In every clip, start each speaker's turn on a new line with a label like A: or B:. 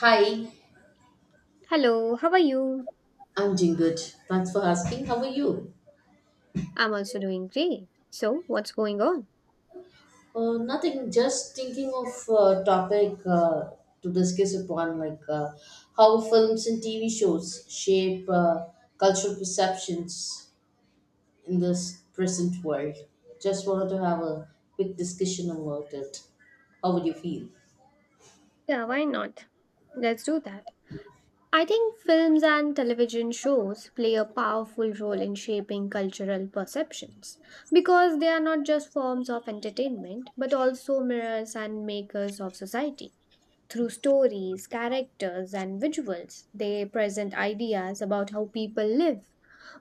A: Hi,
B: Hello, how are you?
A: I'm doing good. Thanks for asking. How are you?
B: I'm also doing great. So, what's going on?
A: Nothing, just thinking of topic to discuss upon, like how films and TV shows shape cultural perceptions in this present world. Just wanted to have a quick discussion about it. How would you feel?
B: Yeah, why not? Let's do that. I think films and television shows play a powerful role in shaping cultural perceptions because they are not just forms of entertainment but also mirrors and makers of society. Through stories, characters, and visuals, they present ideas about how people live,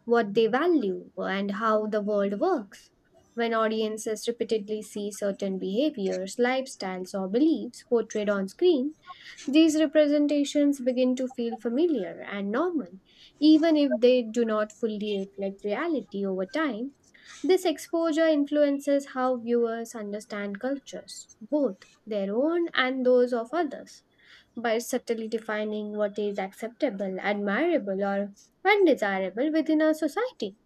B: what they value, and how the world works. When audiences repeatedly see certain behaviors, lifestyles, or beliefs portrayed on screen, these representations begin to feel familiar and normal, even if they do not fully reflect reality over time. This exposure influences how viewers understand cultures, both their own and those of others by subtly defining what is acceptable, admirable, or undesirable within a society.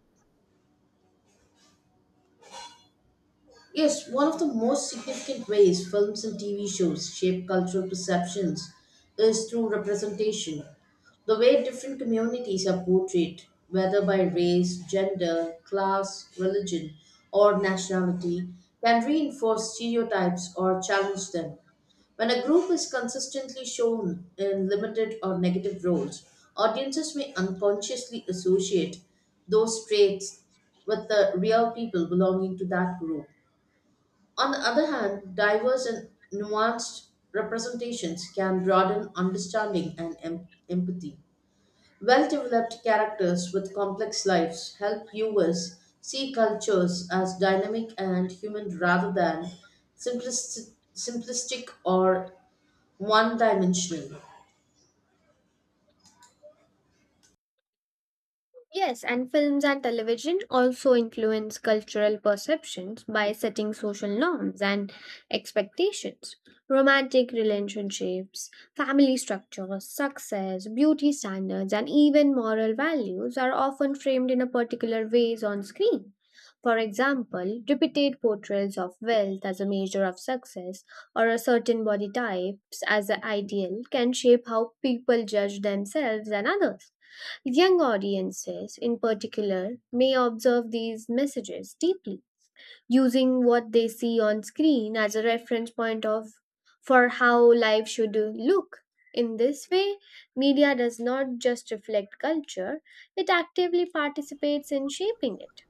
A: Yes, one of the most significant ways films and TV shows shape cultural perceptions is through representation. The way different communities are portrayed, whether by race, gender, class, religion, or nationality, can reinforce stereotypes or challenge them. When a group is consistently shown in limited or negative roles, audiences may unconsciously associate those traits with the real people belonging to that group. On the other hand, diverse and nuanced representations can broaden understanding and empathy. Well developed characters with complex lives help viewers see cultures as dynamic and human rather than simplistic, simplistic or one dimensional.
B: Yes, and films and television also influence cultural perceptions by setting social norms and expectations. Romantic relationships, family structures, success, beauty standards, and even moral values are often framed in a particular ways on screen. For example, repeated portrayals of wealth as a measure of success or a certain body types as an ideal can shape how people judge themselves and others. Young audiences, in particular, may observe these messages deeply, using what they see on screen as a reference point of for how life should look. In this way, media does not just reflect culture, it actively participates in shaping it.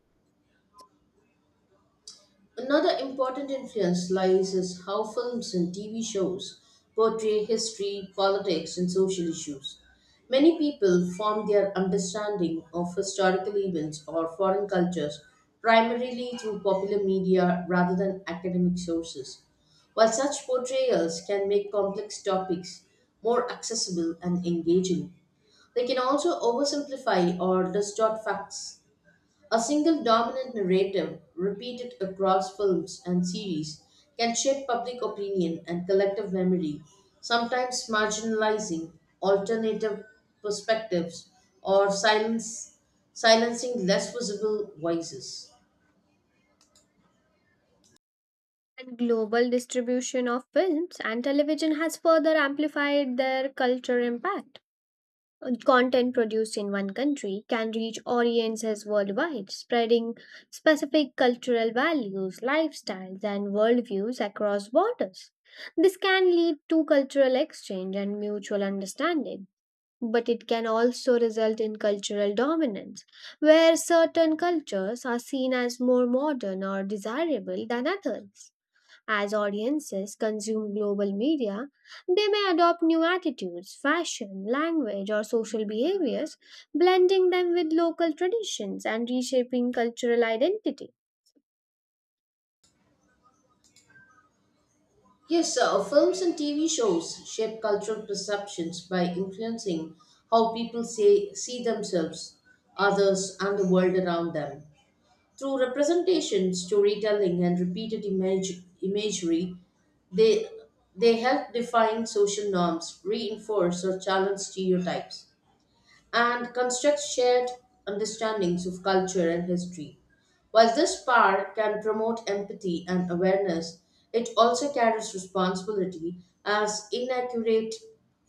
A: Another important influence lies in how films and TV shows portray history, politics, and social issues. Many people form their understanding of historical events or foreign cultures primarily through popular media rather than academic sources. While such portrayals can make complex topics more accessible and engaging, they can also oversimplify or distort facts. A single dominant narrative, repeated across films and series, can shape public opinion and collective memory, sometimes marginalizing alternative perspectives or silencing less visible voices.
B: And global distribution of films and television has further amplified their culture impact. Content produced in one country can reach audiences worldwide, spreading specific cultural values, lifestyles, and worldviews across borders. This can lead to cultural exchange and mutual understanding, but it can also result in cultural dominance, where certain cultures are seen as more modern or desirable than others. As audiences consume global media, they may adopt new attitudes, fashion, language, or social behaviors, blending them with local traditions and reshaping cultural identity.
A: Yes, films and TV shows shape cultural perceptions by influencing how people say, see themselves, others, and the world around them. Through representation, storytelling, and repeated imagery, they, they help define social norms, reinforce or challenge stereotypes, and construct shared understandings of culture and history. While this power can promote empathy and awareness, it also carries responsibility as inaccurate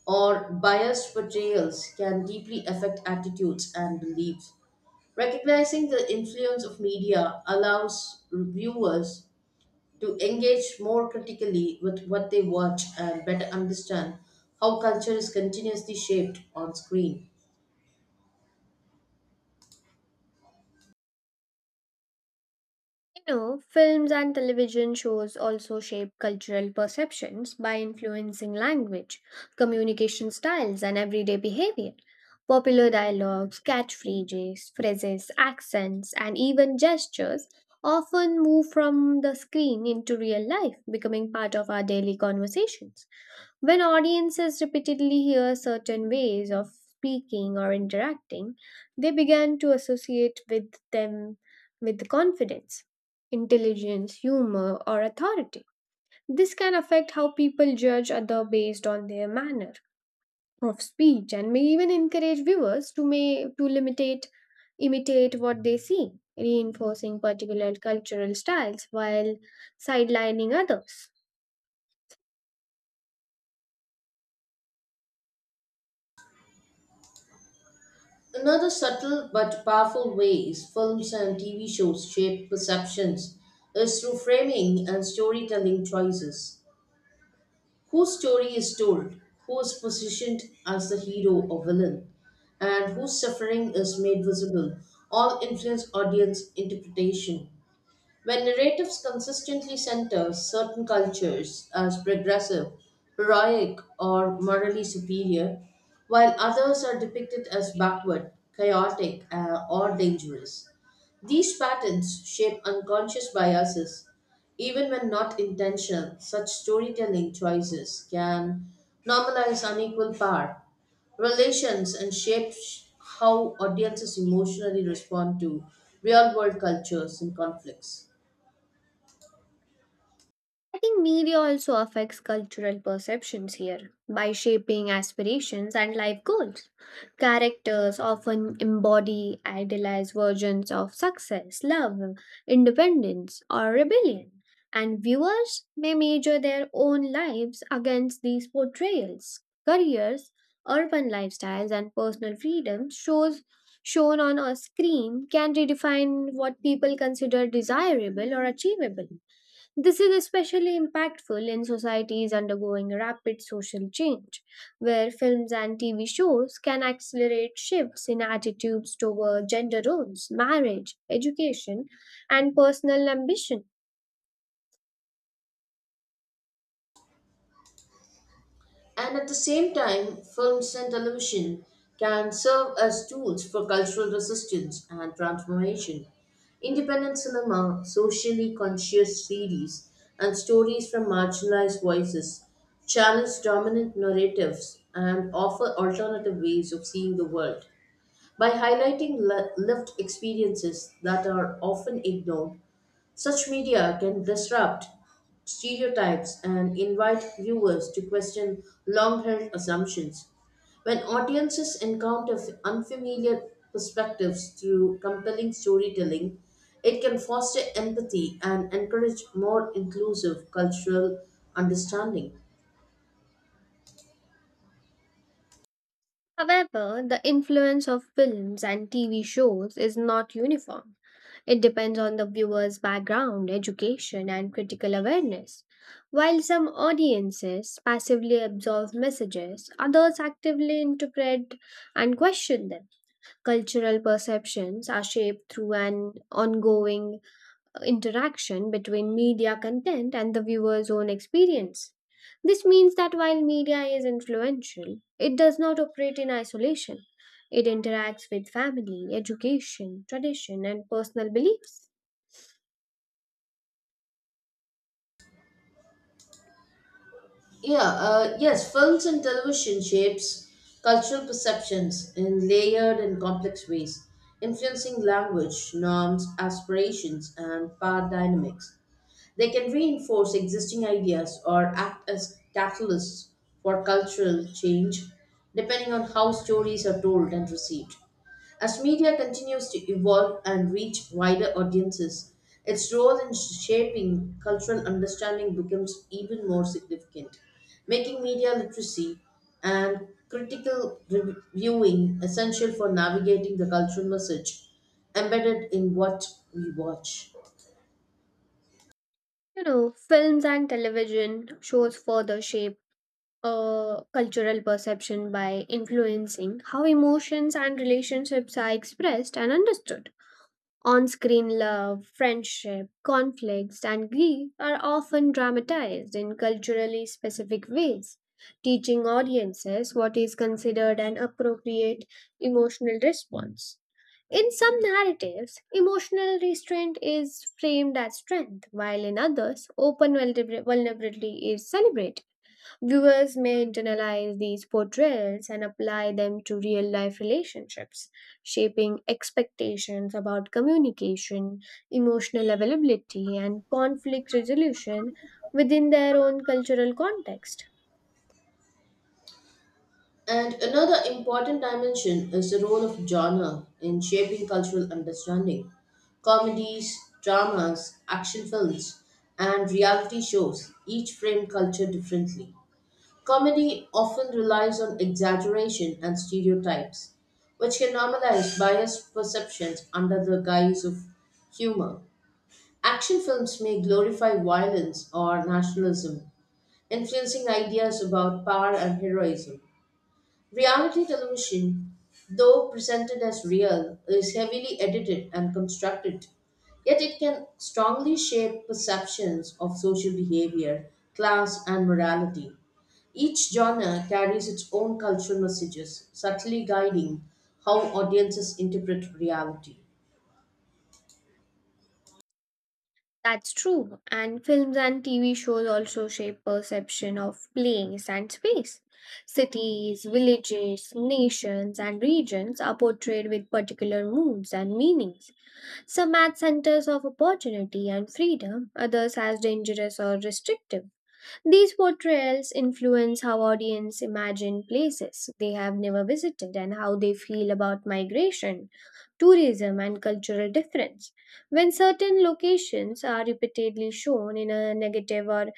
A: or biased portrayals can deeply affect attitudes and beliefs. Recognizing the influence of media allows viewers to engage more critically with what they watch and better understand how culture is continuously shaped on screen.
B: You know, films and television shows also shape cultural perceptions by influencing language, communication styles, and everyday behavior. Popular dialogues, catchphrases, phrases, accents, and even gestures often move from the screen into real life, becoming part of our daily conversations. When audiences repeatedly hear certain ways of speaking or interacting, they begin to associate with them with confidence, intelligence, humor, or authority. This can affect how people judge other based on their manner of speech and may even encourage viewers to may to limitate imitate what they see, reinforcing particular cultural styles while sidelining others.
A: Another subtle but powerful way is films and TV shows shape perceptions is through framing and storytelling choices. Whose story is told, who is positioned as the hero or villain, and whose suffering is made visible, all influence audience interpretation. When narratives consistently center certain cultures as progressive, heroic, or morally superior, while others are depicted as backward, chaotic, or dangerous, these patterns shape unconscious biases. Even when not intentional, such storytelling choices can normalize unequal power, relations, and shape how audiences emotionally respond to real world cultures and conflicts.
B: I think media also affects cultural perceptions here by shaping aspirations and life goals. Characters often embody idealized versions of success, love, independence, or rebellion, and viewers may measure their own lives against these portrayals. Careers, urban lifestyles, and personal freedom shows shown on a screen can redefine what people consider desirable or achievable. This is especially impactful in societies undergoing rapid social change, where films and TV shows can accelerate shifts in attitudes toward gender roles, marriage, education, and personal ambition.
A: And at the same time, films and television can serve as tools for cultural resistance and transformation. Independent cinema, socially conscious series, and stories from marginalized voices challenge dominant narratives and offer alternative ways of seeing the world. By highlighting lived experiences that are often ignored, such media can disrupt stereotypes and invite viewers to question long held assumptions. When audiences encounter unfamiliar perspectives through compelling storytelling, it can foster empathy and encourage more inclusive cultural understanding.
B: However, the influence of films and TV shows is not uniform. It depends on the viewer's background, education, and critical awareness. While some audiences passively absorb messages, others actively interpret and question them. Cultural perceptions are shaped through an ongoing interaction between media content and the viewer's own experience. This means that while media is influential, it does not operate in isolation. It interacts with family, education, tradition, and personal beliefs.
A: Yeah, yes, films and television shapes cultural perceptions in layered and complex ways, influencing language, norms, aspirations, and power dynamics. They can reinforce existing ideas or act as catalysts for cultural change, depending on how stories are told and received. As media continues to evolve and reach wider audiences, its role in shaping cultural understanding becomes even more significant, making media literacy and critical viewing essential for navigating the cultural message embedded in what we watch.
B: You know, films and television shows further shape cultural perception by influencing how emotions and relationships are expressed and understood. On screen, love, friendship, conflicts, and grief are often dramatized in culturally specific ways, teaching audiences what is considered an appropriate emotional response. In some narratives, emotional restraint is framed as strength, while in others, open vulnerability is celebrated. Viewers may internalize these portrayals and apply them to real life relationships, shaping expectations about communication, emotional availability, and conflict resolution within their own cultural context.
A: And another important dimension is the role of genre in shaping cultural understanding. Comedies, dramas, action films, and reality shows each frame culture differently. Comedy often relies on exaggeration and stereotypes, which can normalize biased perceptions under the guise of humor. Action films may glorify violence or nationalism, influencing ideas about power and heroism. Reality television, though presented as real, is heavily edited and constructed, yet it can strongly shape perceptions of social behavior, class, and morality. Each genre carries its own cultural messages, subtly guiding how audiences interpret reality.
B: That's true. And films and TV shows also shape perception of place and space. Cities, villages, nations, and regions are portrayed with particular moods and meanings. Some as centers of opportunity and freedom, others as dangerous or restrictive. These portrayals influence how audience imagine places they have never visited and how they feel about migration, tourism, and cultural difference. When certain locations are repeatedly shown in a negative or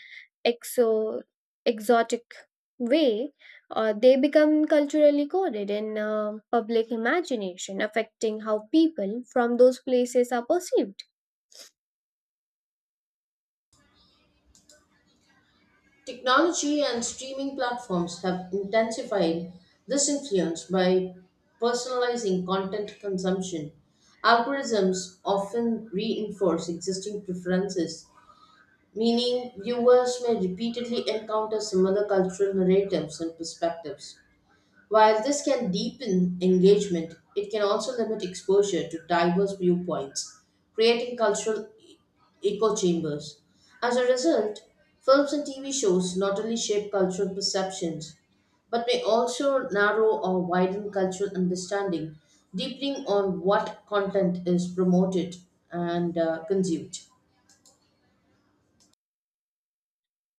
B: exo- exotic way, they become culturally coded in public imagination, affecting how people from those places are perceived.
A: Technology and streaming platforms have intensified this influence by personalizing content consumption. Algorithms often reinforce existing preferences, meaning viewers may repeatedly encounter similar cultural narratives and perspectives. While this can deepen engagement, it can also limit exposure to diverse viewpoints, creating cultural echo chambers. As a result, films and TV shows not only shape cultural perceptions, but may also narrow or widen cultural understanding, deepening on what content is promoted and consumed.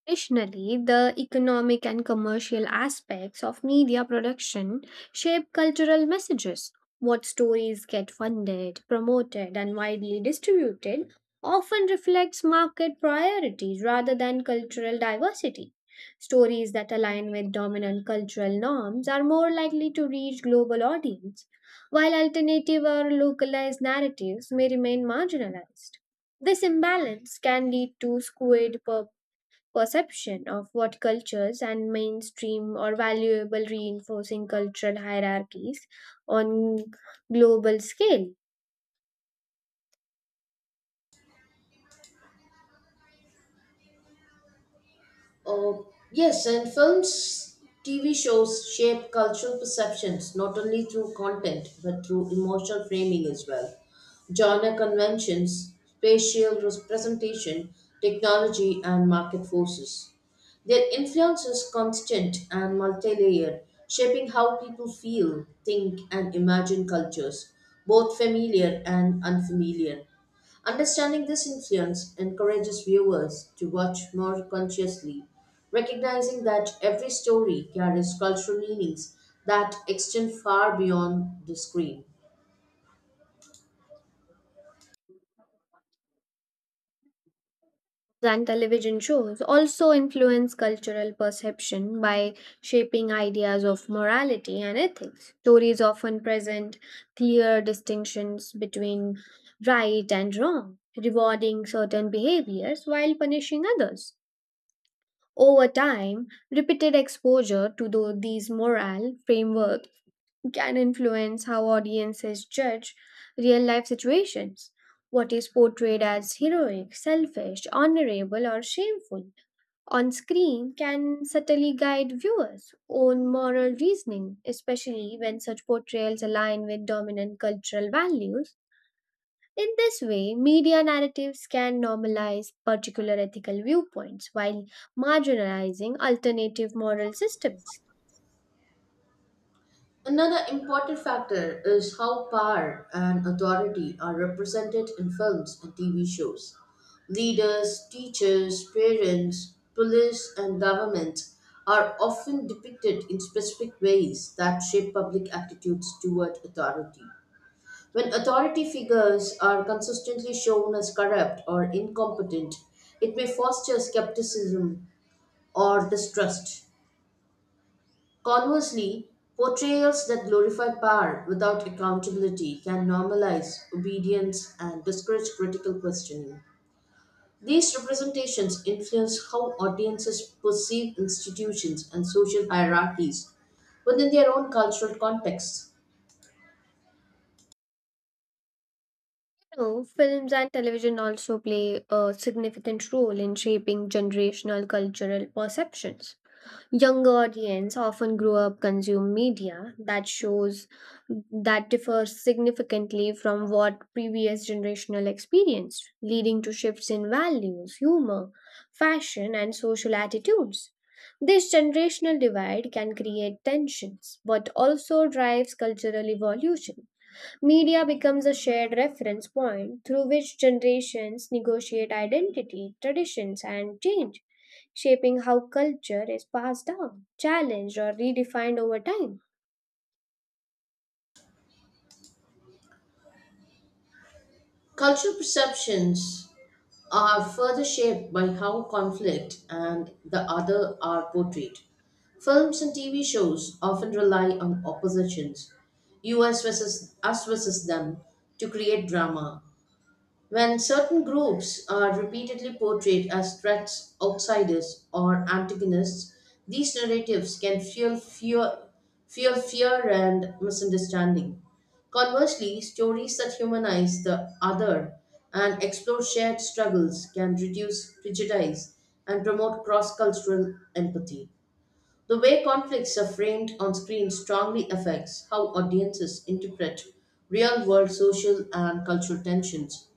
B: Additionally, the economic and commercial aspects of media production shape cultural messages. What stories get funded, promoted, and widely distributed often reflects market priorities rather than cultural diversity. Stories that align with dominant cultural norms are more likely to reach global audience, while alternative or localized narratives may remain marginalized. This imbalance can lead to skewed perception of what cultures and mainstream or valuable reinforcing cultural hierarchies on global scale.
A: Uh, yes, and films, TV shows shape cultural perceptions not only through content but through emotional framing as well. Genre conventions, spatial representation, technology, and market forces. Their influence is constant and multi layered, shaping how people feel, think, and imagine cultures, both familiar and unfamiliar. Understanding this influence encourages viewers to watch more consciously, recognizing that every story carries cultural meanings that extend far beyond the screen.
B: And television shows also influence cultural perception by shaping ideas of morality and ethics stories often present clear distinctions between right and wrong rewarding certain behaviors while punishing others over time repeated exposure to these moral frameworks can influence how audiences judge real life situations. What is portrayed as heroic, selfish, honorable, or shameful on screen can subtly guide viewers' own moral reasoning, especially when such portrayals align with dominant cultural values. In this way, media narratives can normalize particular ethical viewpoints while marginalizing alternative moral systems.
A: Another important factor is how power and authority are represented in films and TV shows. Leaders, teachers, parents, police, and government are often depicted in specific ways that shape public attitudes toward authority. When authority figures are consistently shown as corrupt or incompetent, it may foster skepticism or distrust. Conversely, portrayals that glorify power without accountability can normalize obedience and discourage critical questioning. These representations influence how audiences perceive institutions and social hierarchies within their own cultural contexts.
B: No, films and television also play a significant role in shaping generational cultural perceptions. Younger audience often grow up consume media that shows that differs significantly from what previous generational experienced, leading to shifts in values, humor, fashion, and social attitudes. This generational divide can create tensions, but also drives cultural evolution. Media becomes a shared reference point through which generations negotiate identity, traditions, and change, shaping how culture is passed down, challenged, or redefined over time.
A: Cultural perceptions are further shaped by how conflict and the other are portrayed. Films and TV shows often rely on oppositions, us versus them, to create drama. When certain groups are repeatedly portrayed as threats, outsiders, or antagonists, these narratives can fuel fear and misunderstanding. Conversely, stories that humanize the other and explore shared struggles can reduce prejudice and promote cross cultural empathy. The way conflicts are framed on screen strongly affects how audiences interpret real world social and cultural tensions.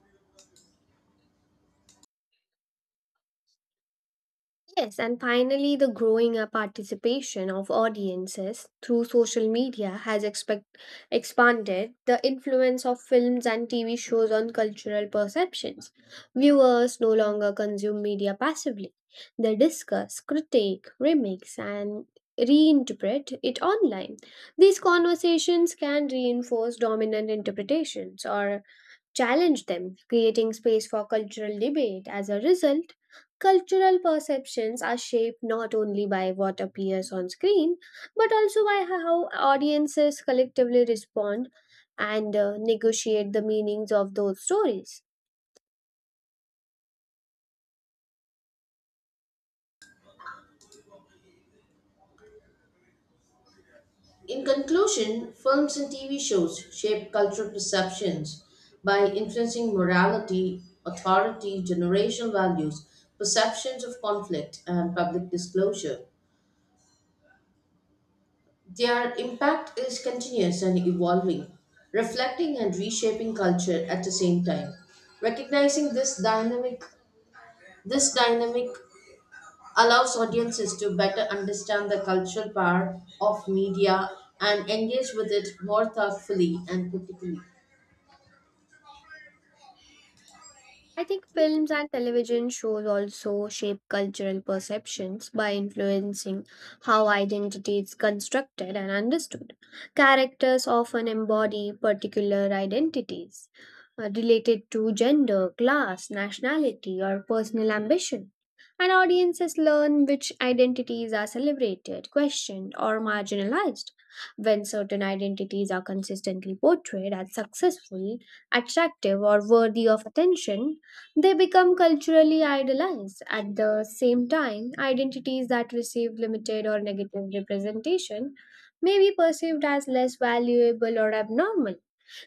B: Yes, and finally, the growing participation of audiences through social media has expanded the influence of films and TV shows on cultural perceptions. Viewers no longer consume media passively, they discuss, critique, remix, and reinterpret it online. These conversations can reinforce dominant interpretations or challenge them, creating space for cultural debate. As a result, cultural perceptions are shaped not only by what appears on screen, but also by how audiences collectively respond and negotiate the meanings of those stories.
A: In conclusion, films and TV shows shape cultural perceptions by influencing morality, authority, generational values, perceptions of conflict, and public disclosure. Their impact is continuous and evolving, reflecting and reshaping culture at the same time. Recognizing this dynamic allows audiences to better understand the cultural power of media and engage with it more thoughtfully and critically.
B: I think films and television shows also shape cultural perceptions by influencing how identity is constructed and understood. Characters often embody particular identities related to gender, class, nationality, or personal ambition. And audiences learn which identities are celebrated, questioned, or marginalized. When certain identities are consistently portrayed as successful, attractive, or worthy of attention, they become culturally idolized. At the same time, identities that receive limited or negative representation may be perceived as less valuable or abnormal.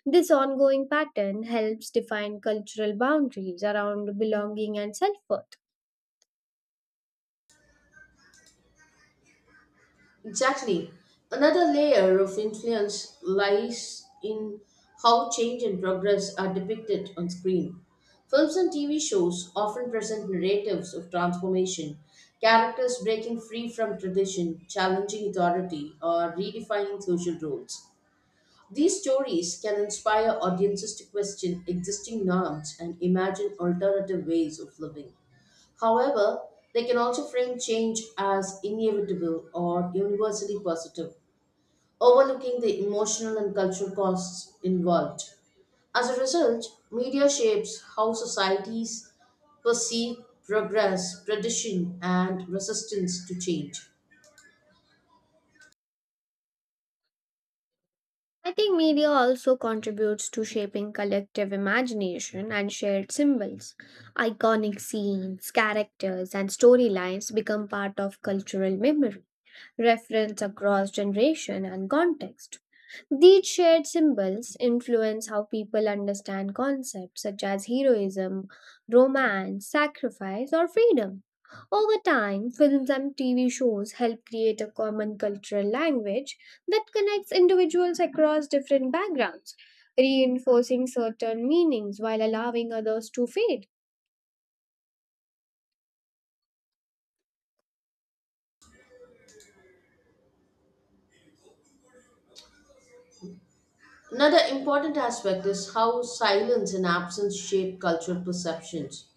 B: This ongoing pattern helps define cultural boundaries around belonging and self worth.
A: Exactly. Another layer of influence lies in how change and progress are depicted on screen. Films and TV shows often present narratives of transformation, characters breaking free from tradition, challenging authority, or redefining social roles. These stories can inspire audiences to question existing norms and imagine alternative ways of living. However, they can also frame change as inevitable or universally positive, overlooking the emotional and cultural costs involved. As a result, media shapes how societies perceive progress, tradition, and resistance to change.
B: I think media also contributes to shaping collective imagination and shared symbols. Iconic scenes, characters, and storylines become part of cultural memory. Reference across generation and context. These shared symbols influence how people understand concepts such as heroism, romance, sacrifice, or freedom. Over time, films and TV shows help create a common cultural language that connects individuals across different backgrounds, reinforcing certain meanings while allowing others to fade.
A: Another important aspect is how silence and absence shape cultural perceptions.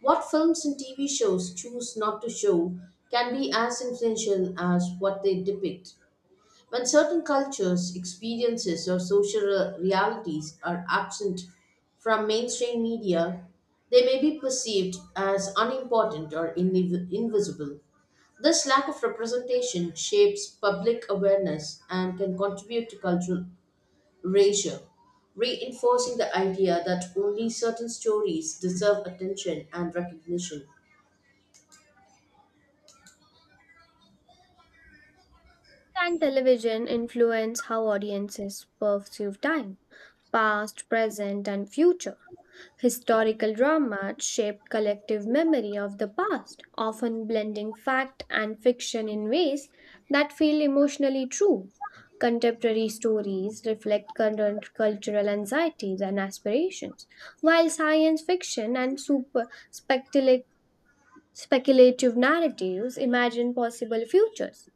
A: What films and TV shows choose not to show can be as influential as what they depict. When certain cultures, experiences, or social realities are absent from mainstream media, they may be perceived as unimportant or invisible. This lack of representation shapes public awareness and can contribute to cultural erasure, reinforcing the idea that only certain stories deserve attention and recognition.
B: And television influence how audiences perceive time, past, present, and future. Historical drama shaped collective memory of the past, often blending fact and fiction in ways that feel emotionally true. Contemporary stories reflect current cultural anxieties and aspirations, while science fiction and speculative narratives imagine possible futures.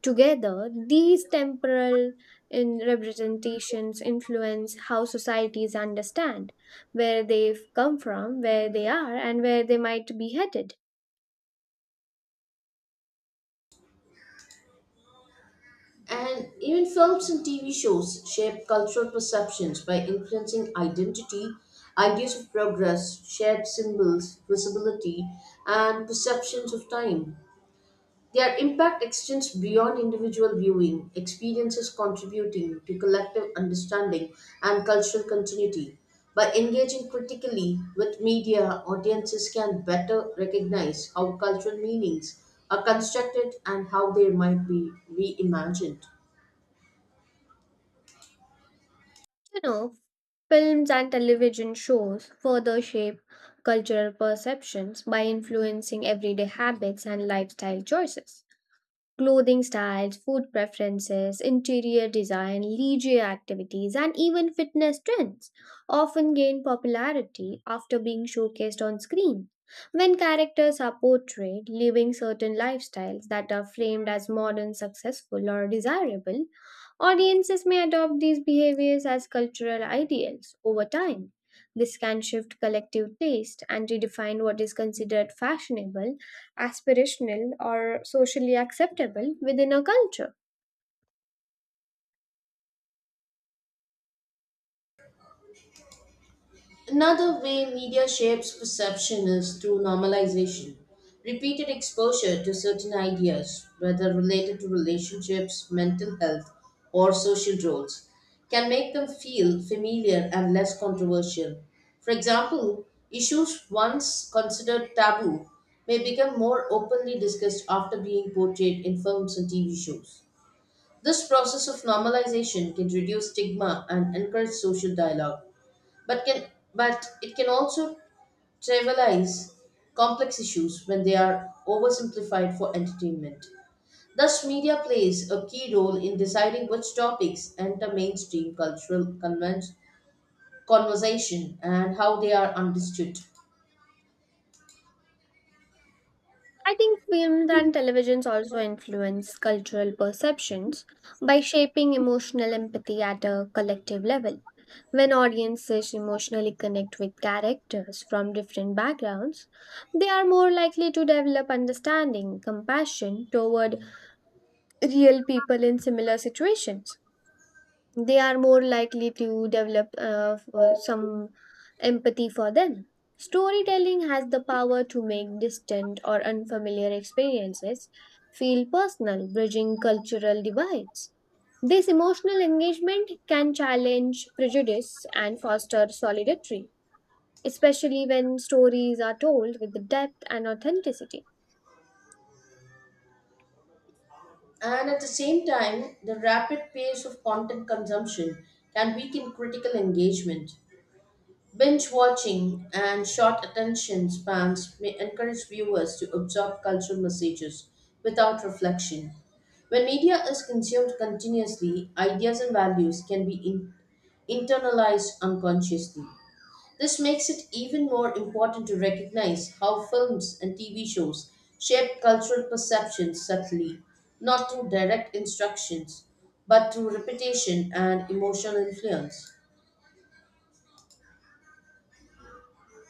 B: Together, these temporal representations influence how societies understand where they've come from, where they are, and where they might be headed.
A: And even films and TV shows shape cultural perceptions by influencing identity, ideas of progress, shared symbols, visibility, and perceptions of time. Their impact extends beyond individual viewing, experiences contributing to collective understanding and cultural continuity. By engaging critically with media, audiences can better recognize how cultural meanings are constructed and how they might be reimagined.
B: You know, films and television shows further shape cultural perceptions by influencing everyday habits and lifestyle choices. Clothing styles, food preferences, interior design, leisure activities, and even fitness trends often gain popularity after being showcased on screen. When characters are portrayed living certain lifestyles that are framed as modern, successful, or desirable, audiences may adopt these behaviors as cultural ideals over time. This can shift collective taste and redefine what is considered fashionable aspirational or socially acceptable within a culture.
A: Another way media shapes perception is through normalization. Repeated exposure to certain ideas, whether related to relationships, mental health, or social roles, can make them feel familiar and less controversial. For example, issues once considered taboo may become more openly discussed after being portrayed in films and TV shows. This process of normalization can reduce stigma and encourage social dialogue but can but it can also trivialize complex issues when they are oversimplified for entertainment. Thus, media plays a key role in deciding which topics enter mainstream cultural conversation and how they are understood.
B: I think films and televisions also influence cultural perceptions by shaping emotional empathy at a collective level. When audiences emotionally connect with characters from different backgrounds, they are more likely to develop understanding, compassion toward real people in similar situations. They are more likely to develop for some empathy for them. Storytelling has the power to make distant or unfamiliar experiences feel personal, bridging cultural divides. This emotional engagement can challenge prejudice and foster solidarity, especially when stories are told with depth and authenticity.
A: And at the same time, the rapid pace of content consumption can weaken critical engagement. Binge watching and short attention spans may encourage viewers to absorb cultural messages without reflection. When media is consumed continuously, ideas and values can be internalized unconsciously. This makes it even more important to recognize how films and TV shows shape cultural perceptions subtly, not through direct instructions, but through repetition and emotional influence.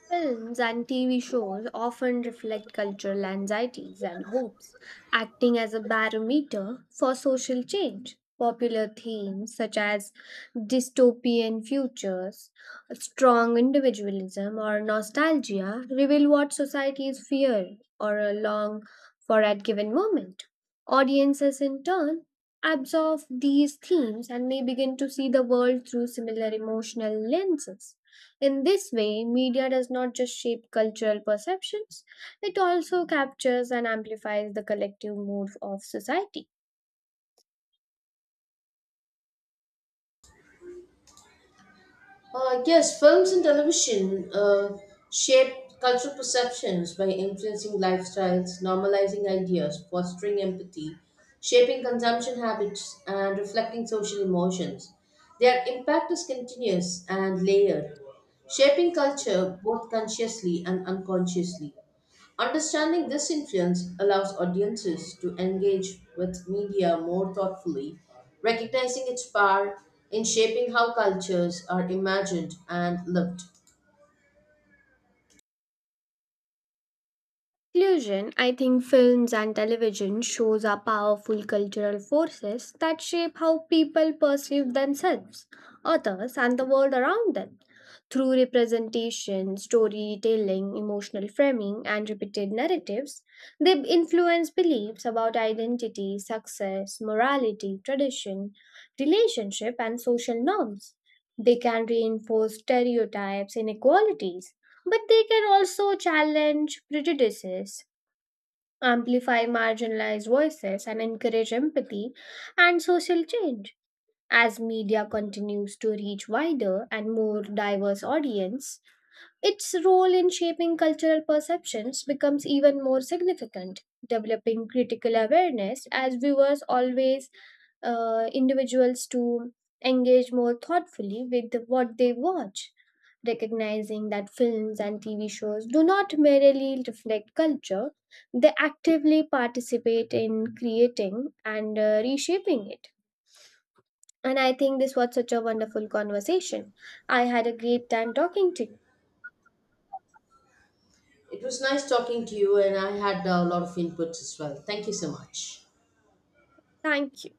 B: Films and TV shows often reflect cultural anxieties and hopes, acting as a barometer for social change. Popular themes such as dystopian futures, strong individualism, or nostalgia reveal what societies fear or long for at given moment. Audiences, in turn, absorb these themes and may begin to see the world through similar emotional lenses. In this way, media does not just shape cultural perceptions, it also captures and amplifies the collective mood of society.
A: Yes, films and television shape cultural perceptions by influencing lifestyles, normalizing ideas, fostering empathy, shaping consumption habits, and reflecting social emotions. Their impact is continuous and layered, shaping culture both consciously and unconsciously. Understanding this influence allows audiences to engage with media more thoughtfully, recognizing its power in shaping how cultures are imagined and lived.
B: Conclusion, I think films and television shows are powerful cultural forces that shape how people perceive themselves, others, and the world around them. Through representation, storytelling, emotional framing, and repeated narratives, they influence beliefs about identity, success, morality, tradition, relationship, and social norms. They can reinforce stereotypes, inequalities, but they can also challenge prejudices, amplify marginalized voices, and encourage empathy and social change. As media continues to reach wider and more diverse audience, its role in shaping cultural perceptions becomes even more significant, developing critical awareness as viewers always individuals to engage more thoughtfully with what they watch recognizing that films and TV shows do not merely reflect culture, they actively participate in creating and reshaping it. And I think this was such a wonderful conversation. I had a great time talking to you.
A: It was nice talking to you, and I had a lot of inputs as well. Thank you so much.
B: Thank you.